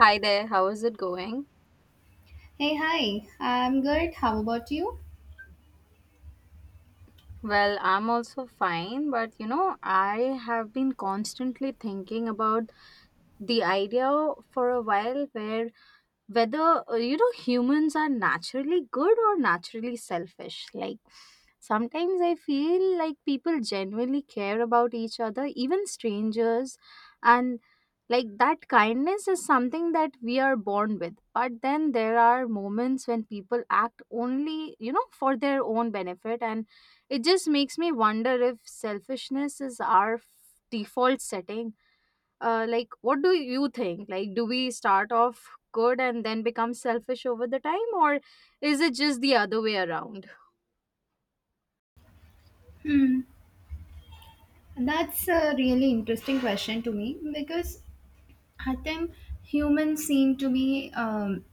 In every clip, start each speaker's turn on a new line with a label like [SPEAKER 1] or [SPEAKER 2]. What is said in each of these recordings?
[SPEAKER 1] Hi there, how is it going?
[SPEAKER 2] Hey, hi. I'm good. How about you?
[SPEAKER 1] Well, I'm also fine, but I have been constantly thinking about the idea for a while, where whether humans are naturally good or naturally selfish. Like, sometimes I feel like people genuinely care about each other, even strangers, and like that kindness is something that we are born with. But then there are moments when people act only, for their own benefit, and it just makes me wonder if selfishness is our default setting. Like, what do you think? Like, do we start off good and then become selfish over the time, or is it just the other way around?
[SPEAKER 2] Hmm. That's a really interesting question to me because I think humans seem to be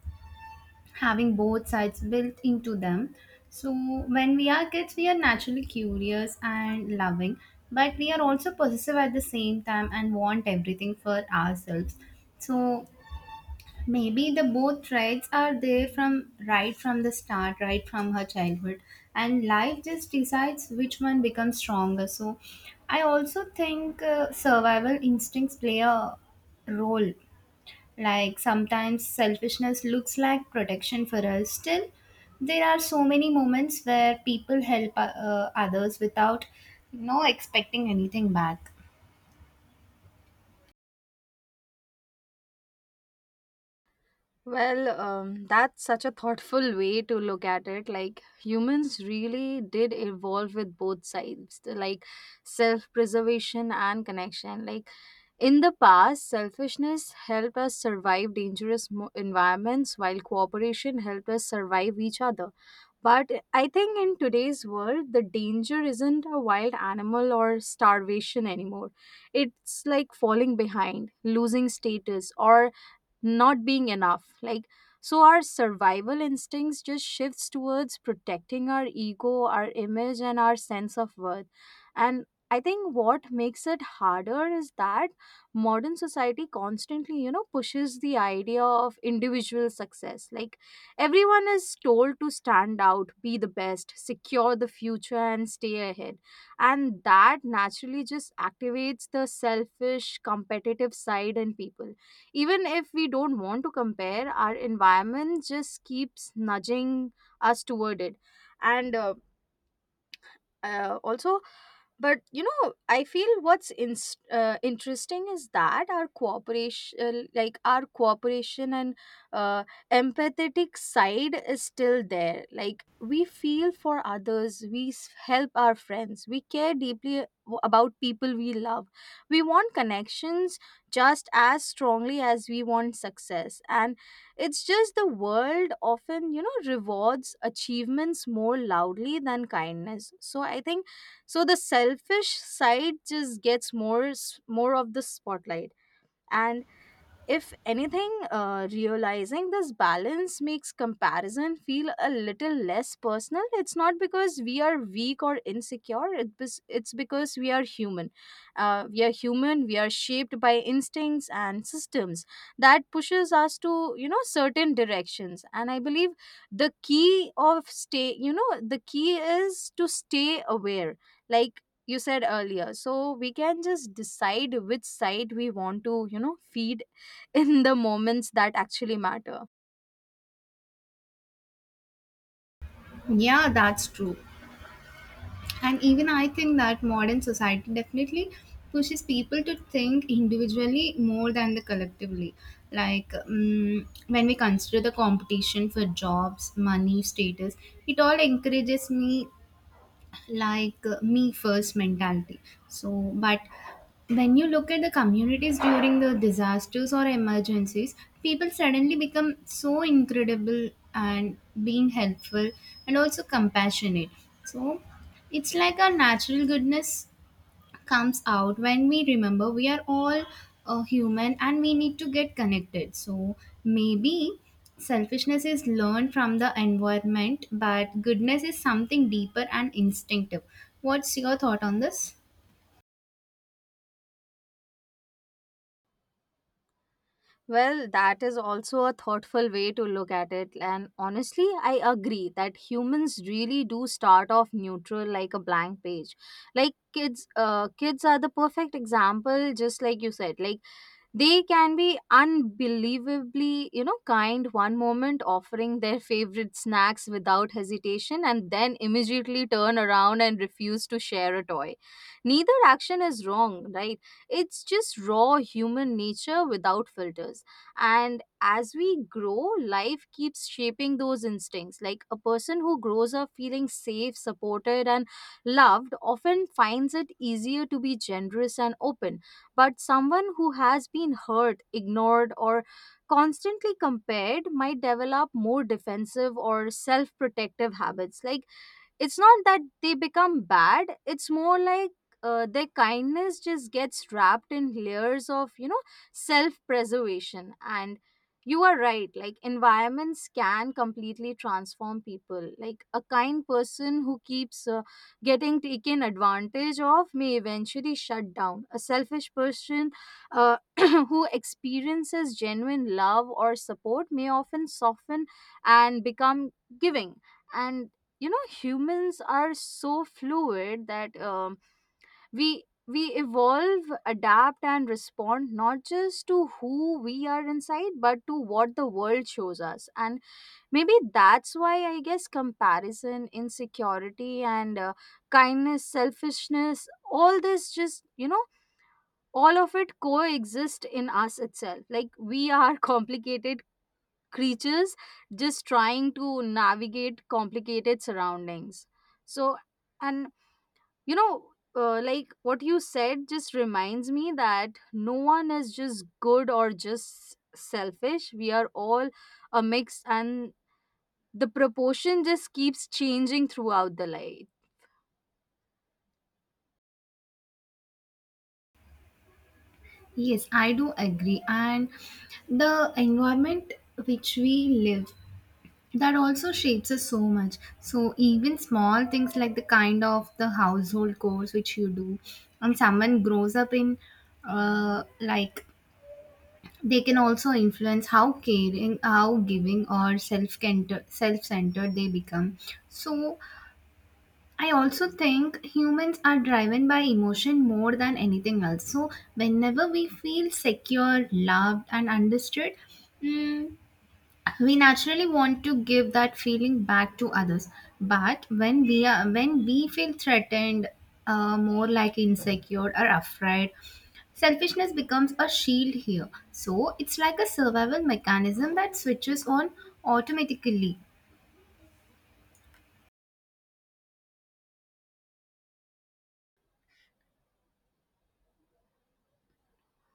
[SPEAKER 2] having both sides built into them. So when we are kids, we are naturally curious and loving, but we are also possessive at the same time and want everything for ourselves. So maybe the both traits are there from right from the start right from her childhood, and life just decides which one becomes stronger. So I also think survival instincts play a role. Like sometimes selfishness looks like protection for us. Still, there are so many moments where people help others without expecting anything back.
[SPEAKER 1] Well, that's such a thoughtful way to look at it. Like, humans really did evolve with both sides, like self preservation and connection. Like, in the past, selfishness helped us survive dangerous environments, while cooperation helped us survive each other. But I think in today's world, the danger isn't a wild animal or starvation anymore. It's like falling behind, losing status, or not being enough. Like, so our survival instincts just shifts towards protecting our ego, our image, and our sense of worth. And I think what makes it harder is that modern society constantly, pushes the idea of individual success. Like, everyone is told to stand out, be the best, secure the future, and stay ahead. And that naturally just activates the selfish competitive side in people. Even if we don't want to compare, our environment just keeps nudging us toward it. And Also, but I feel what's interesting is that our cooperation like our cooperation and uh, empathetic side is still there. Like, we feel for others, we help our friends, we care deeply about people we love. We want connections just as strongly as we want success. And it's just the world often, rewards achievements more loudly than kindness. So I think so the selfish side just gets more of the spotlight. And if anything, realizing this balance makes comparison feel a little less personal. It's not because we are weak or insecure, it's because we are human. We are human, we are shaped by instincts and systems that pushes us to, certain directions. And I believe the key is to stay aware. Like, you said earlier, so we can just decide which side we want to, feed in the moments that actually matter.
[SPEAKER 2] Yeah, that's true. And even I think that modern society definitely pushes people to think individually more than the collectively. Like when we consider the competition for jobs, money, status, it all encourages me, like me first mentality. So, but when you look at the communities during the disasters or emergencies, people suddenly become so incredible and being helpful and also compassionate. So, it's like a natural goodness comes out when we remember we are all human and we need to get connected. So maybe selfishness is learned from the environment, but goodness is something deeper and instinctive. What's your thought on this?
[SPEAKER 1] Well, that is also a thoughtful way to look at it. And honestly, I agree that humans really do start off neutral, like a blank page. Like kids, kids are the perfect example, just like you said. Like, they can be unbelievably, kind one moment, offering their favorite snacks without hesitation, and then immediately turn around and refuse to share a toy. Neither action is wrong, right? It's just raw human nature without filters. And as we grow, life keeps shaping those instincts. Like, a person who grows up feeling safe, supported, and loved often finds it easier to be generous and open. But someone who has been hurt, ignored, or constantly compared might develop more defensive or self protective habits. Like, it's not that they become bad, it's more like their kindness just gets wrapped in layers of, self preservation. And you are right, like environments can completely transform people. Like, a kind person who keeps getting taken advantage of may eventually shut down. A selfish person who experiences genuine love or support may often soften and become giving. And humans are so fluid that we evolve, adapt, and respond not just to who we are inside, but to what the world shows us. And maybe that's why, I guess, comparison, insecurity, and kindness, selfishness, all this just, all of it coexist in us itself. Like, we are complicated creatures, just trying to navigate complicated surroundings. So and you know like what you said just reminds me that no one is just good or just selfish. We are all a mix, and the proportion just keeps changing throughout the life.
[SPEAKER 2] Yes, I do agree. And the environment which we live, that also shapes us so much. So even small things like the kind of the household chores which you do, and someone grows up in, like, they can also influence how caring, how giving or self-centered they become. So I also think humans are driven by emotion more than anything else. So whenever we feel secure, loved and understood, mm, we naturally want to give that feeling back to others. But when we are, when we feel threatened, more like insecure or afraid, selfishness becomes a shield here. So it's like a survival mechanism that switches on automatically.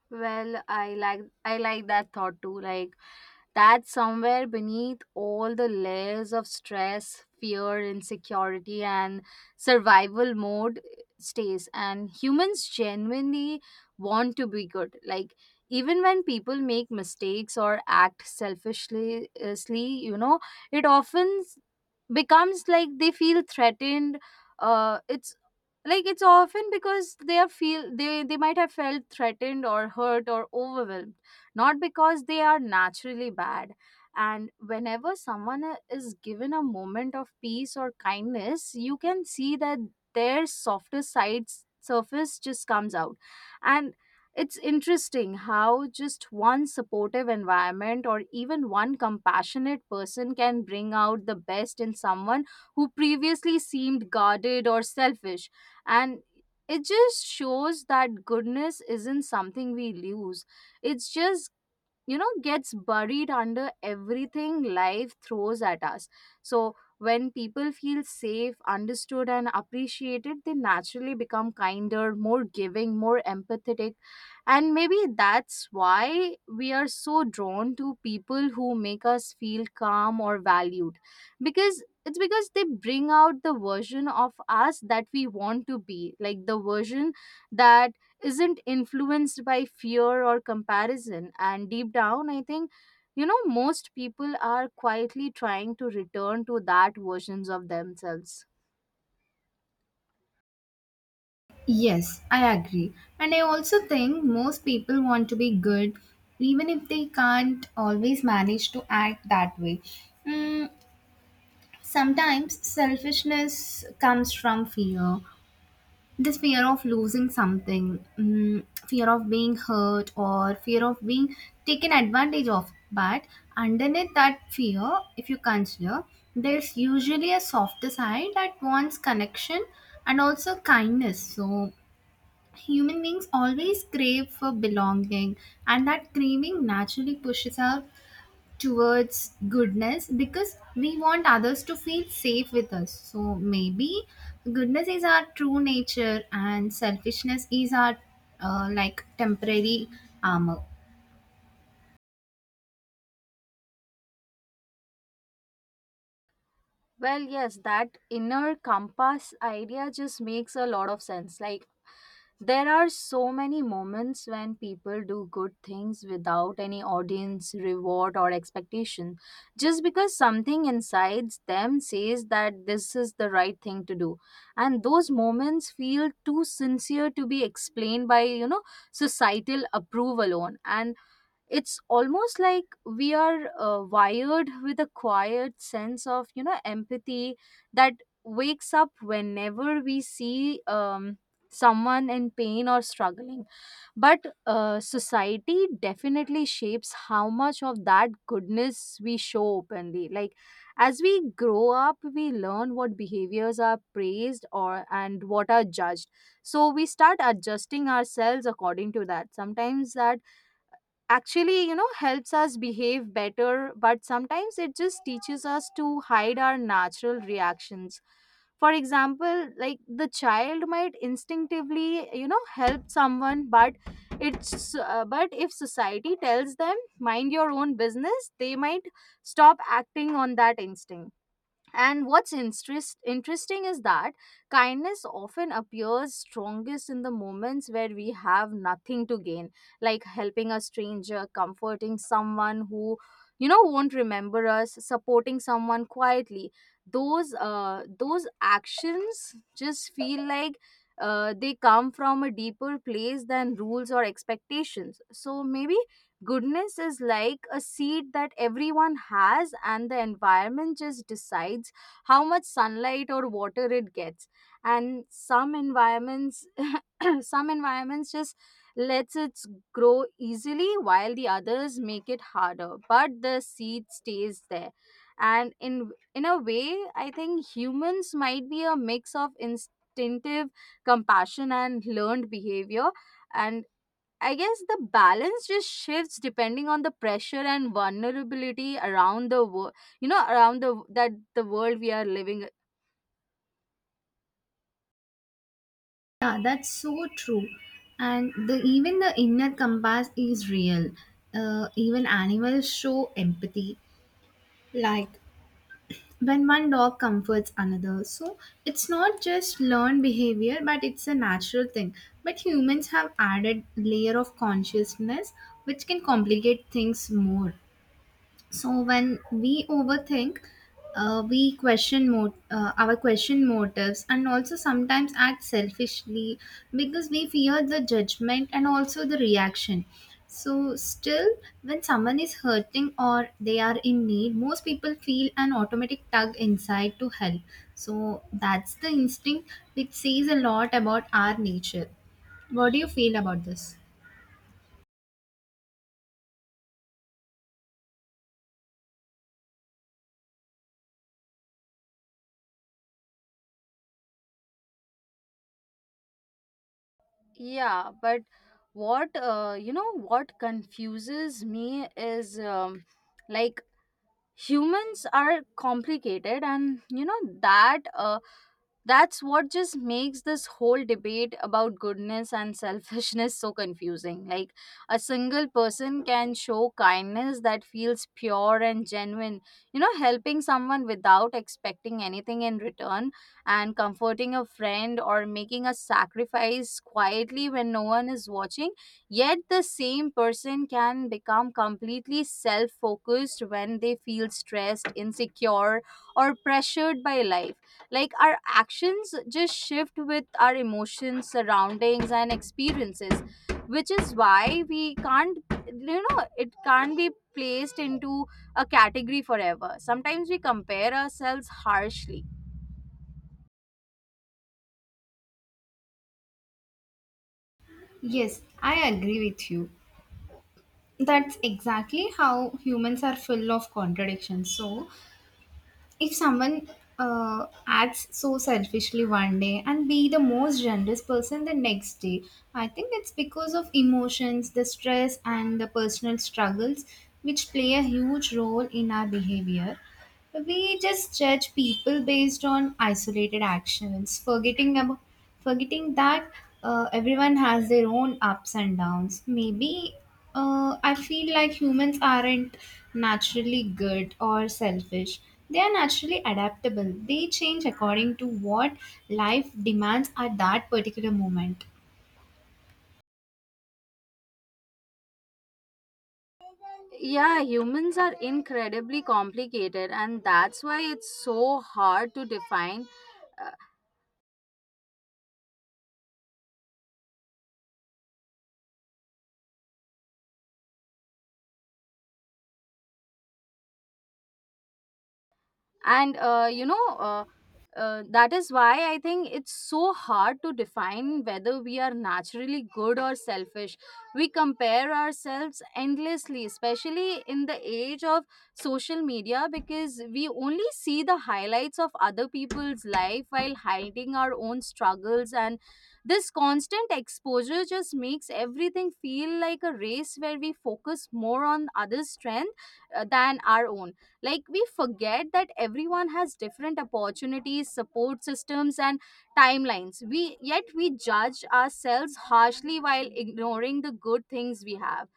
[SPEAKER 1] Well, I like that thought too. Like, that somewhere beneath all the layers of stress, fear, insecurity, and survival mode stays. And humans genuinely want to be good. Like, even when people make mistakes or act selfishly, it often becomes like they feel threatened. Uh, it's it's often because they are feel they might have felt threatened or hurt or overwhelmed, not because they are naturally bad. And whenever someone is given a moment of peace or kindness, you can see that their softer sides surface, just comes out. And it's interesting how just one supportive environment or even one compassionate person can bring out the best in someone who previously seemed guarded or selfish. And it just shows that goodness isn't something we lose, it's just, gets buried under everything life throws at us. So when people feel safe, understood, and appreciated, they naturally become kinder, more giving, more empathetic. And maybe that's why we are so drawn to people who make us feel calm or valued. Because it's because they bring out the version of us that we want to be. Like, the version that isn't influenced by fear or comparison. And deep down, I think, most people are quietly trying to return to that versions of themselves.
[SPEAKER 2] Yes, I agree. And I also think most people want to be good, even if they can't always manage to act that way. Mm, sometimes selfishness comes from fear, this fear of losing something, mm, fear of being hurt, or fear of being taken advantage of. But underneath that fear, if you consider, there's usually a softer side that wants connection and also kindness. So human beings always crave for belonging, and that craving naturally pushes us towards goodness because we want others to feel safe with us. So maybe goodness is our true nature and selfishness is our, like, temporary armor.
[SPEAKER 1] Well, yes, that inner compass idea just makes a lot of sense. Like, there are so many moments when people do good things without any audience, reward, or expectation, just because something inside them says that this is the right thing to do. And those moments feel too sincere to be explained by, societal approval alone. And it's almost like we are wired with a quiet sense of, empathy that wakes up whenever we see someone in pain or struggling. But society definitely shapes how much of that goodness we show openly. Like, as we grow up, we learn what behaviors are praised or, and what are judged. So we start adjusting ourselves according to that. Sometimes that actually, helps us behave better, but sometimes it just teaches us to hide our natural reactions. For example, like, the child might instinctively, help someone, but it's but if society tells them mind your own business, they might stop acting on that instinct. And interesting is that kindness often appears strongest in the moments where we have nothing to gain, like helping a stranger, comforting someone who, won't remember us, supporting someone quietly. Those actions just feel like they come from a deeper place than rules or expectations. So maybe goodness is like a seed that everyone has, and the environment just decides how much sunlight or water it gets. And some environments, some environments just lets it grow easily, while the others make it harder. But the seed stays there. And in a way, I think humans might be a mix of instinctive compassion and learned behavior. And I guess the balance just shifts depending on the pressure and vulnerability around the world, around the that the world we are living.
[SPEAKER 2] Yeah, that's so true. And the even the inner compass is real. Even animals show empathy. Like when one dog comforts another. So it's not just learned behavior, but it's a natural thing. But humans have added layer of consciousness which can complicate things more. So when we overthink, our question motives and also sometimes act selfishly because we fear the judgment and also the reaction. So still, when someone is hurting or they are in need, most people feel an automatic tug inside to help. So that's the instinct which says a lot about our nature. What do you feel about this?
[SPEAKER 1] Yeah, but what what confuses me is, like, humans are complicated, and that's what just makes this whole debate about goodness and selfishness so confusing. Like, a single person can show kindness that feels pure and genuine, helping someone without expecting anything in return, and comforting a friend or making a sacrifice quietly when no one is watching. Yet the same person can become completely self focused when they feel stressed, insecure, or pressured by life. Like, our actions just shift with our emotions, surroundings, and experiences, which is why we can't, it can't be placed into a category forever. Sometimes we compare ourselves harshly.
[SPEAKER 2] Yes, I agree with you. That's exactly how humans are full of contradictions. So, if someone acts so selfishly one day and be the most generous person the next day, I think it's because of emotions, the stress, and the personal struggles which play a huge role in our behavior. We just judge people based on isolated actions, forgetting that everyone has their own ups and downs. Maybe I feel like humans aren't naturally good or selfish. They are naturally adaptable. They change according to what life demands at that particular moment.
[SPEAKER 1] Yeah, humans are incredibly complicated, and that's why it's so hard to define. Uh, and you know That is why I think it's so hard to define whether we are naturally good or selfish. We compare ourselves endlessly, especially in the age of social media, because we only see the highlights of other people's life while hiding our own struggles. And this constant exposure just makes everything feel like a race where we focus more on others strength than our own. Like, we forget that everyone has different opportunities, support systems, and timelines. We, yet we judge ourselves harshly while ignoring the good things we have.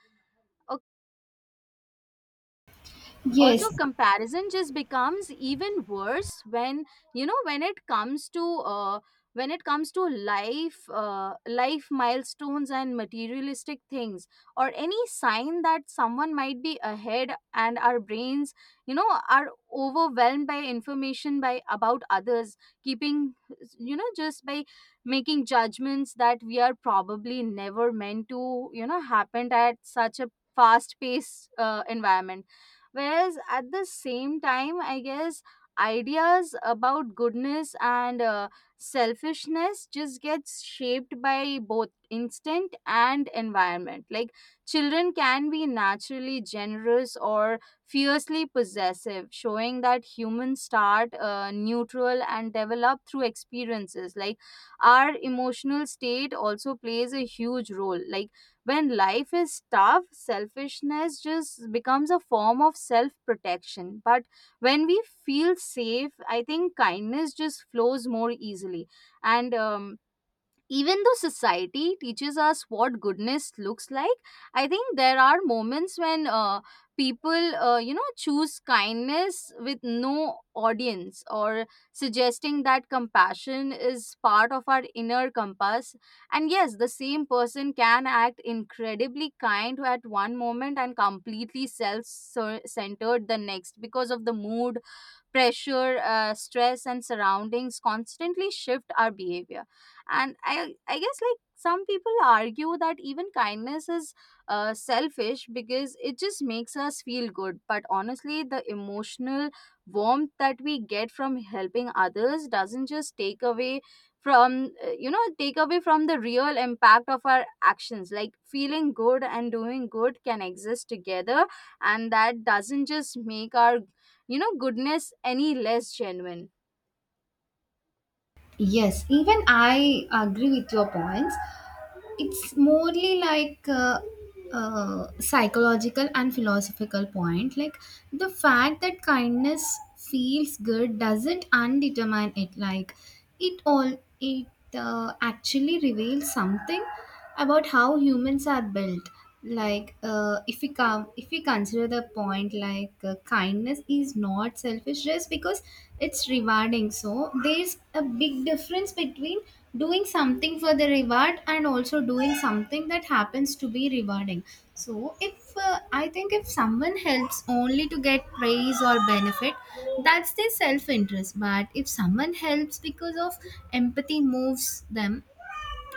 [SPEAKER 1] Also
[SPEAKER 2] Yes,
[SPEAKER 1] comparison just becomes even worse when you know when it comes to when it comes to life milestones and materialistic things, or any sign that someone might be ahead, and our brains are overwhelmed by information by about others, keeping, you know just by making judgments that we are probably never meant to happened at such a fast paced environment. Whereas at the same time, I guess ideas about goodness and selfishness just gets shaped by both instinct and environment. Like, children can be naturally generous or fiercely possessive, showing that humans start neutral and develop through experiences. Like, our emotional state also plays a huge role. Like, when life is tough, selfishness just becomes a form of self protection. But when we feel safe, I think kindness just flows more easily. And Even though society teaches us what goodness looks like, I think there are moments when people choose kindness with no audience, or suggesting that compassion is part of our inner compass. And yes, the same person can act incredibly kind at one moment and completely self-centered the next, because of the mood, pressure, stress, and surroundings constantly shift our behavior. And I guess, like, some people argue that even kindness is selfish because it just makes us feel good. But honestly, the emotional warmth that we get from helping others doesn't just take away from take away from the real impact of our actions. Like, feeling good and doing good can exist together, and that doesn't just make our goodness any less genuine.
[SPEAKER 2] yes. Even I agree with your points. It's morely like, psychological and philosophical point. Like the fact that kindness feels good doesn't undetermine it. Like it actually reveals something about how humans are built. Like if we consider the point, like, kindness is not selfish just because it's rewarding. So there's a big difference between doing something for the reward and also doing something that happens to be rewarding. So if I think if someone helps only to get praise or benefit, that's their self interest. But if someone helps because of empathy, moves them,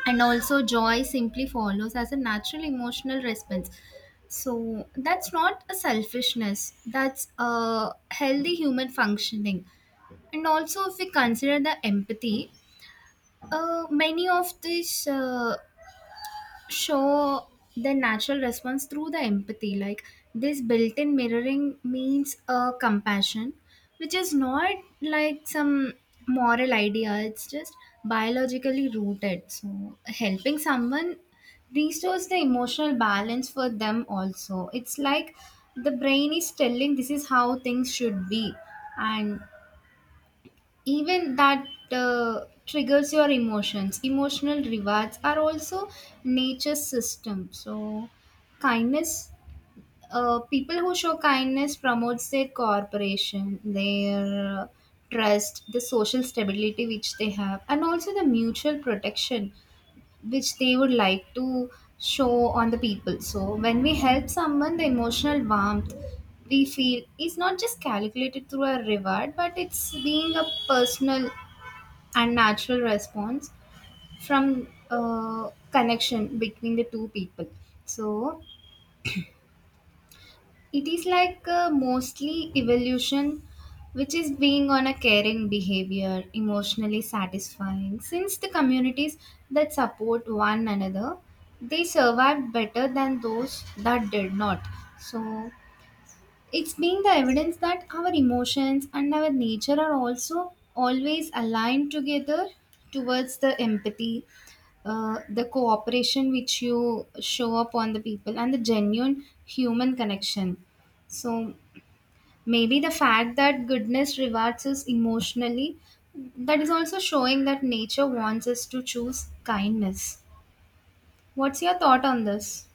[SPEAKER 2] and also joy simply follows as a natural emotional response, so that's not a selfishness, that's a healthy human functioning. And also if we consider the empathy, many of these show the natural response through the empathy. Like this built-in mirroring means a compassion, which is not like some moral idea, it's just biologically rooted. So helping someone restores the emotional balance for them. Also, it's like the brain is telling this is how things should be. And even that triggers your emotions, emotional rewards are also nature's system. So kindness, people who show kindness promotes their cooperation, their trust, the social stability which they have, and also the mutual protection which they would like to show on the people. So when we help someone, the emotional warmth we feel is not just calculated through a reward, but it's being a personal and natural response from connection between the two people. So it is like, mostly evolution which is being on a caring behavior emotionally satisfying, since the communities that support one another they survived better than those that did not. So it's been the evidence that our emotions and our nature are also always aligned together towards the empathy, the cooperation which you show up on the people, and the genuine human connection. So maybe the fact that goodness rewards us emotionally, that is also showing that nature wants us to choose kindness. What's your thought on this?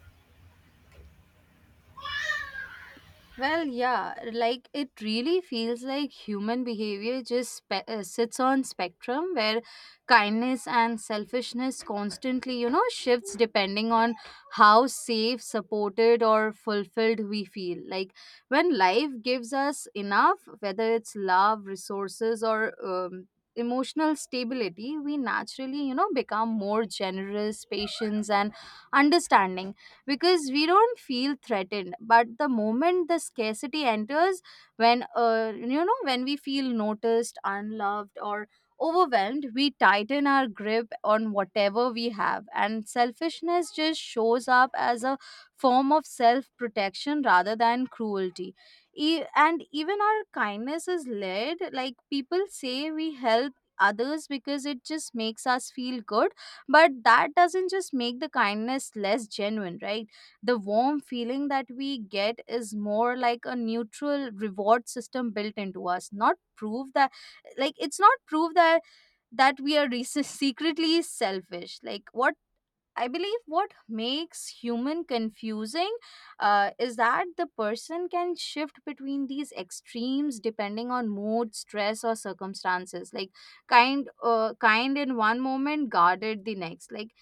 [SPEAKER 1] Well, yeah, like, it really feels like human behavior just sits on spectrum where kindness and selfishness constantly shifts depending on how safe, supported, or fulfilled we feel. Like, when life gives us enough, whether it's love, resources, or emotional stability, we naturally become more generous, patience, and understanding, because we don't feel threatened. But the moment the scarcity enters, when when we feel noticed, unloved, or overwhelmed, we tighten our grip on whatever we have, and selfishness just shows up as a form of self protection rather than cruelty. And even our kindness is led, like, people say we help others because it just makes us feel good, but that doesn't just make the kindness less genuine, right? The warm feeling that we get is more like a neutral reward system built into us, not proof that, like it's not proof that that we are secretly selfish. Like, what I believe, what makes human confusing is that the person can shift between these extremes depending on mood, stress, or circumstances. Like, kind in one moment, guarded the next. Like,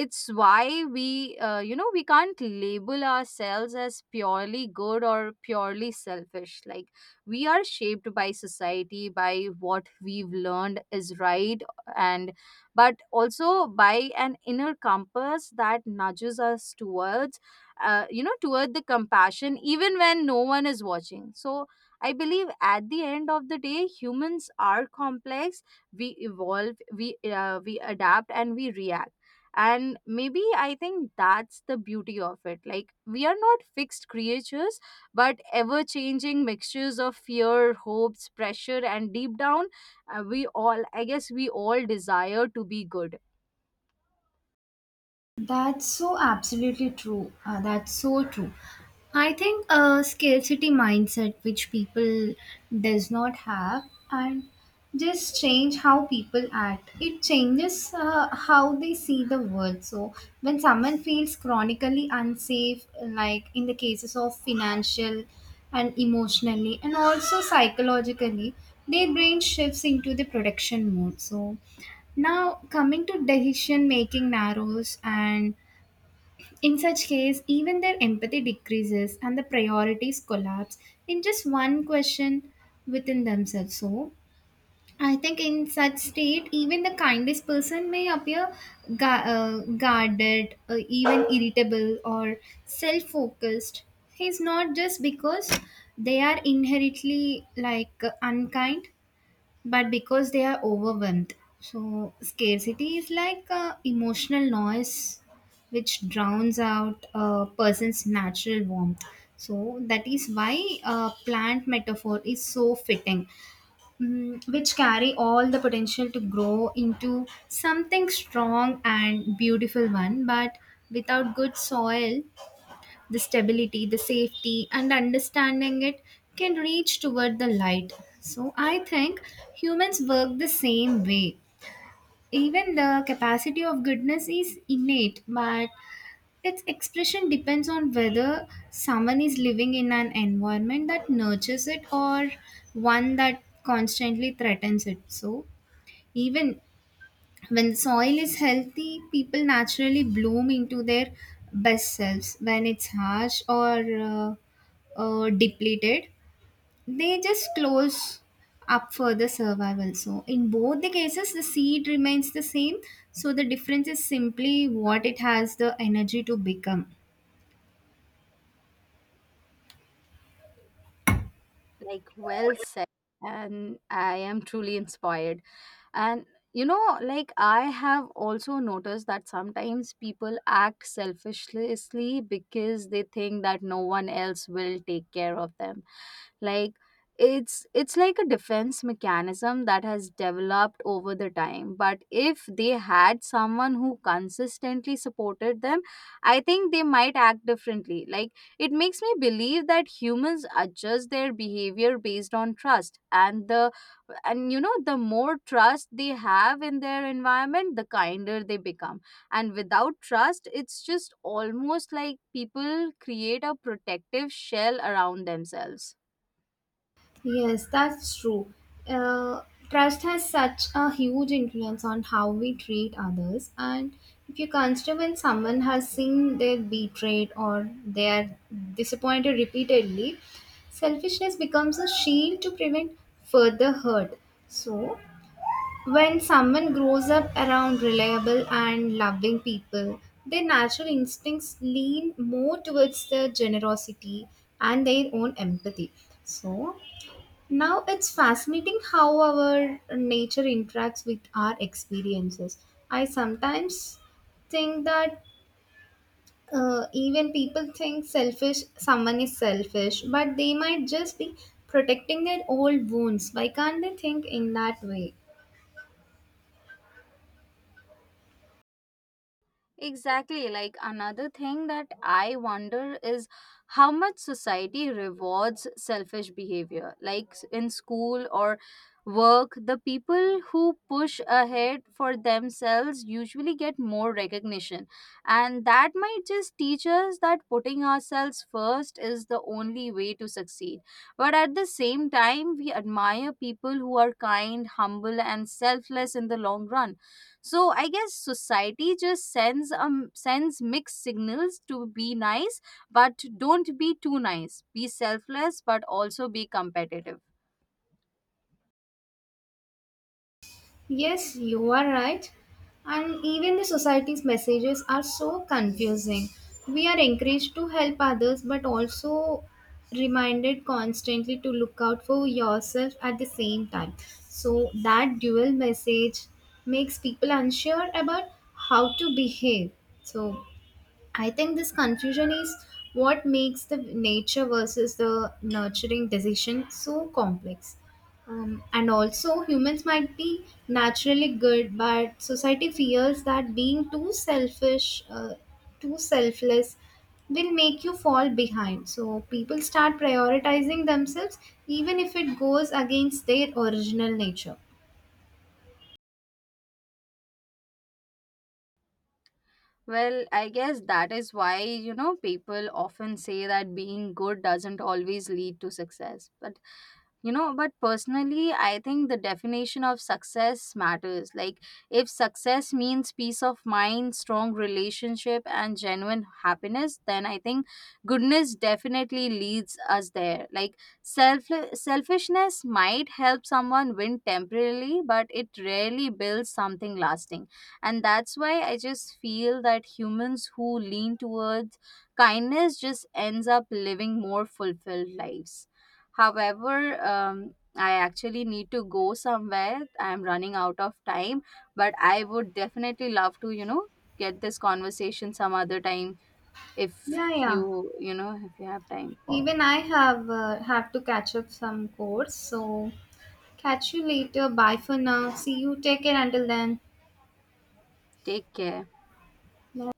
[SPEAKER 1] it's why we we can't label ourselves as purely good or purely selfish. Like, we are shaped by society, by what we've learned is right, and but also by an inner compass that nudges us towards toward the compassion even when no one is watching. So I believe at the end of the day, humans are complex. We evolve, we adapt, and we react. And maybe, I think that's the beauty of it. Like, we are not fixed creatures, but ever changing mixtures of fear, hopes, pressure, and deep down, we all I guess we all desire to be good.
[SPEAKER 2] That's so absolutely true. That's so true. I think a scarcity mindset which people does not have, and just change how people act. It changes how they see the world. So when someone feels chronically unsafe, like in the cases of financial and emotionally and also psychologically, their brain shifts into the protection mode. So now, coming to decision making narrows, and in such case, even their empathy decreases and the priorities collapse in just one question within themselves. So, I think in such state, even the kindest person may appear ga- uh, guarded, even irritable or self-focused. He's not just because they are inherently like unkind, but because they are overwhelmed. So, scarcity is like emotional noise which drowns out a person's natural warmth. So, that is why plant metaphor is so fitting, mm, which carry all the potential to grow into something strong and beautiful one, but without good soil, the stability, the safety, and understanding, it can reach toward the light. So I think humans work the same way. Even the capacity of goodness is innate, but its expression depends on whether someone is living in an environment that nurtures it or one that constantly threatens it. So even when the soil is healthy, people naturally bloom into their best selves. When it's harsh or depleted, they just close up for the survival. So in both the cases the seed remains the same. So the difference is simply what it has the energy to become.
[SPEAKER 1] Like, well said, and I am truly inspired. And you know, like, I have also noticed that sometimes people act selfishly because they think that no one else will take care of them. Like, it's like a defense mechanism that has developed over the time. But if they had someone who consistently supported them, I think they might act differently. Like, it makes me believe that humans adjust their behavior based on trust, and the and, you know, the more trust they have in their environment, the kinder they become. And without trust, it's just almost like people create a protective shell around themselves.
[SPEAKER 2] Yes, that's true. Uh, trust has such a huge influence on how we treat others. And if you consider when someone has seen their betrayed or they are disappointed repeatedly, selfishness becomes a shield to prevent further hurt. So, when someone grows up around reliable and loving people, their natural instincts lean more towards their generosity and their own empathy. So, now it's fascinating how our nature interacts with our experiences. I sometimes think that even people think selfish, someone is selfish, but they might just be protecting their old wounds. Why can't they think in that way?
[SPEAKER 1] Exactly. Like, another thing that I wonder is how much society rewards selfish behavior. Like, in school or work, the people who push ahead for themselves usually get more recognition. And that might just teach us that putting ourselves first is the only way to succeed. But at the same time, we admire people who are kind, humble, and selfless in the long run. So I guess society just sends mixed signals: to be nice but don't be too nice, be selfless but also be competitive.
[SPEAKER 2] Yes, you are right. And even the society's messages are so confusing. We are encouraged to help others, but also reminded constantly to look out for yourself at the same time. So, that dual message makes people unsure about how to behave. So, I think this confusion is what makes the nature versus the nurturing decision so complex. And also, humans might be naturally good, but society fears that being too selfish, too selfless, will make you fall behind. So, people start prioritizing themselves even if it goes against their original nature.
[SPEAKER 1] Well, I guess that is why, you know, people often say that being good doesn't always lead to success. But you know, but personally, I think the definition of success matters. Like, if success means peace of mind, strong relationship, and genuine happiness, then I think goodness definitely leads us there. Like, selfishness might help someone win temporarily, but it rarely builds something lasting. And that's why I just feel that humans who lean towards kindness just ends up living more fulfilled lives. However, I actually need to go somewhere. I'm running out of time, but I would definitely love to, get this conversation some other time if
[SPEAKER 2] Yeah, yeah.
[SPEAKER 1] you, if you have time.
[SPEAKER 2] Even I have to catch up some course, so catch you later. Bye for now. See you. Take care until then.
[SPEAKER 1] Take care.
[SPEAKER 2] Bye.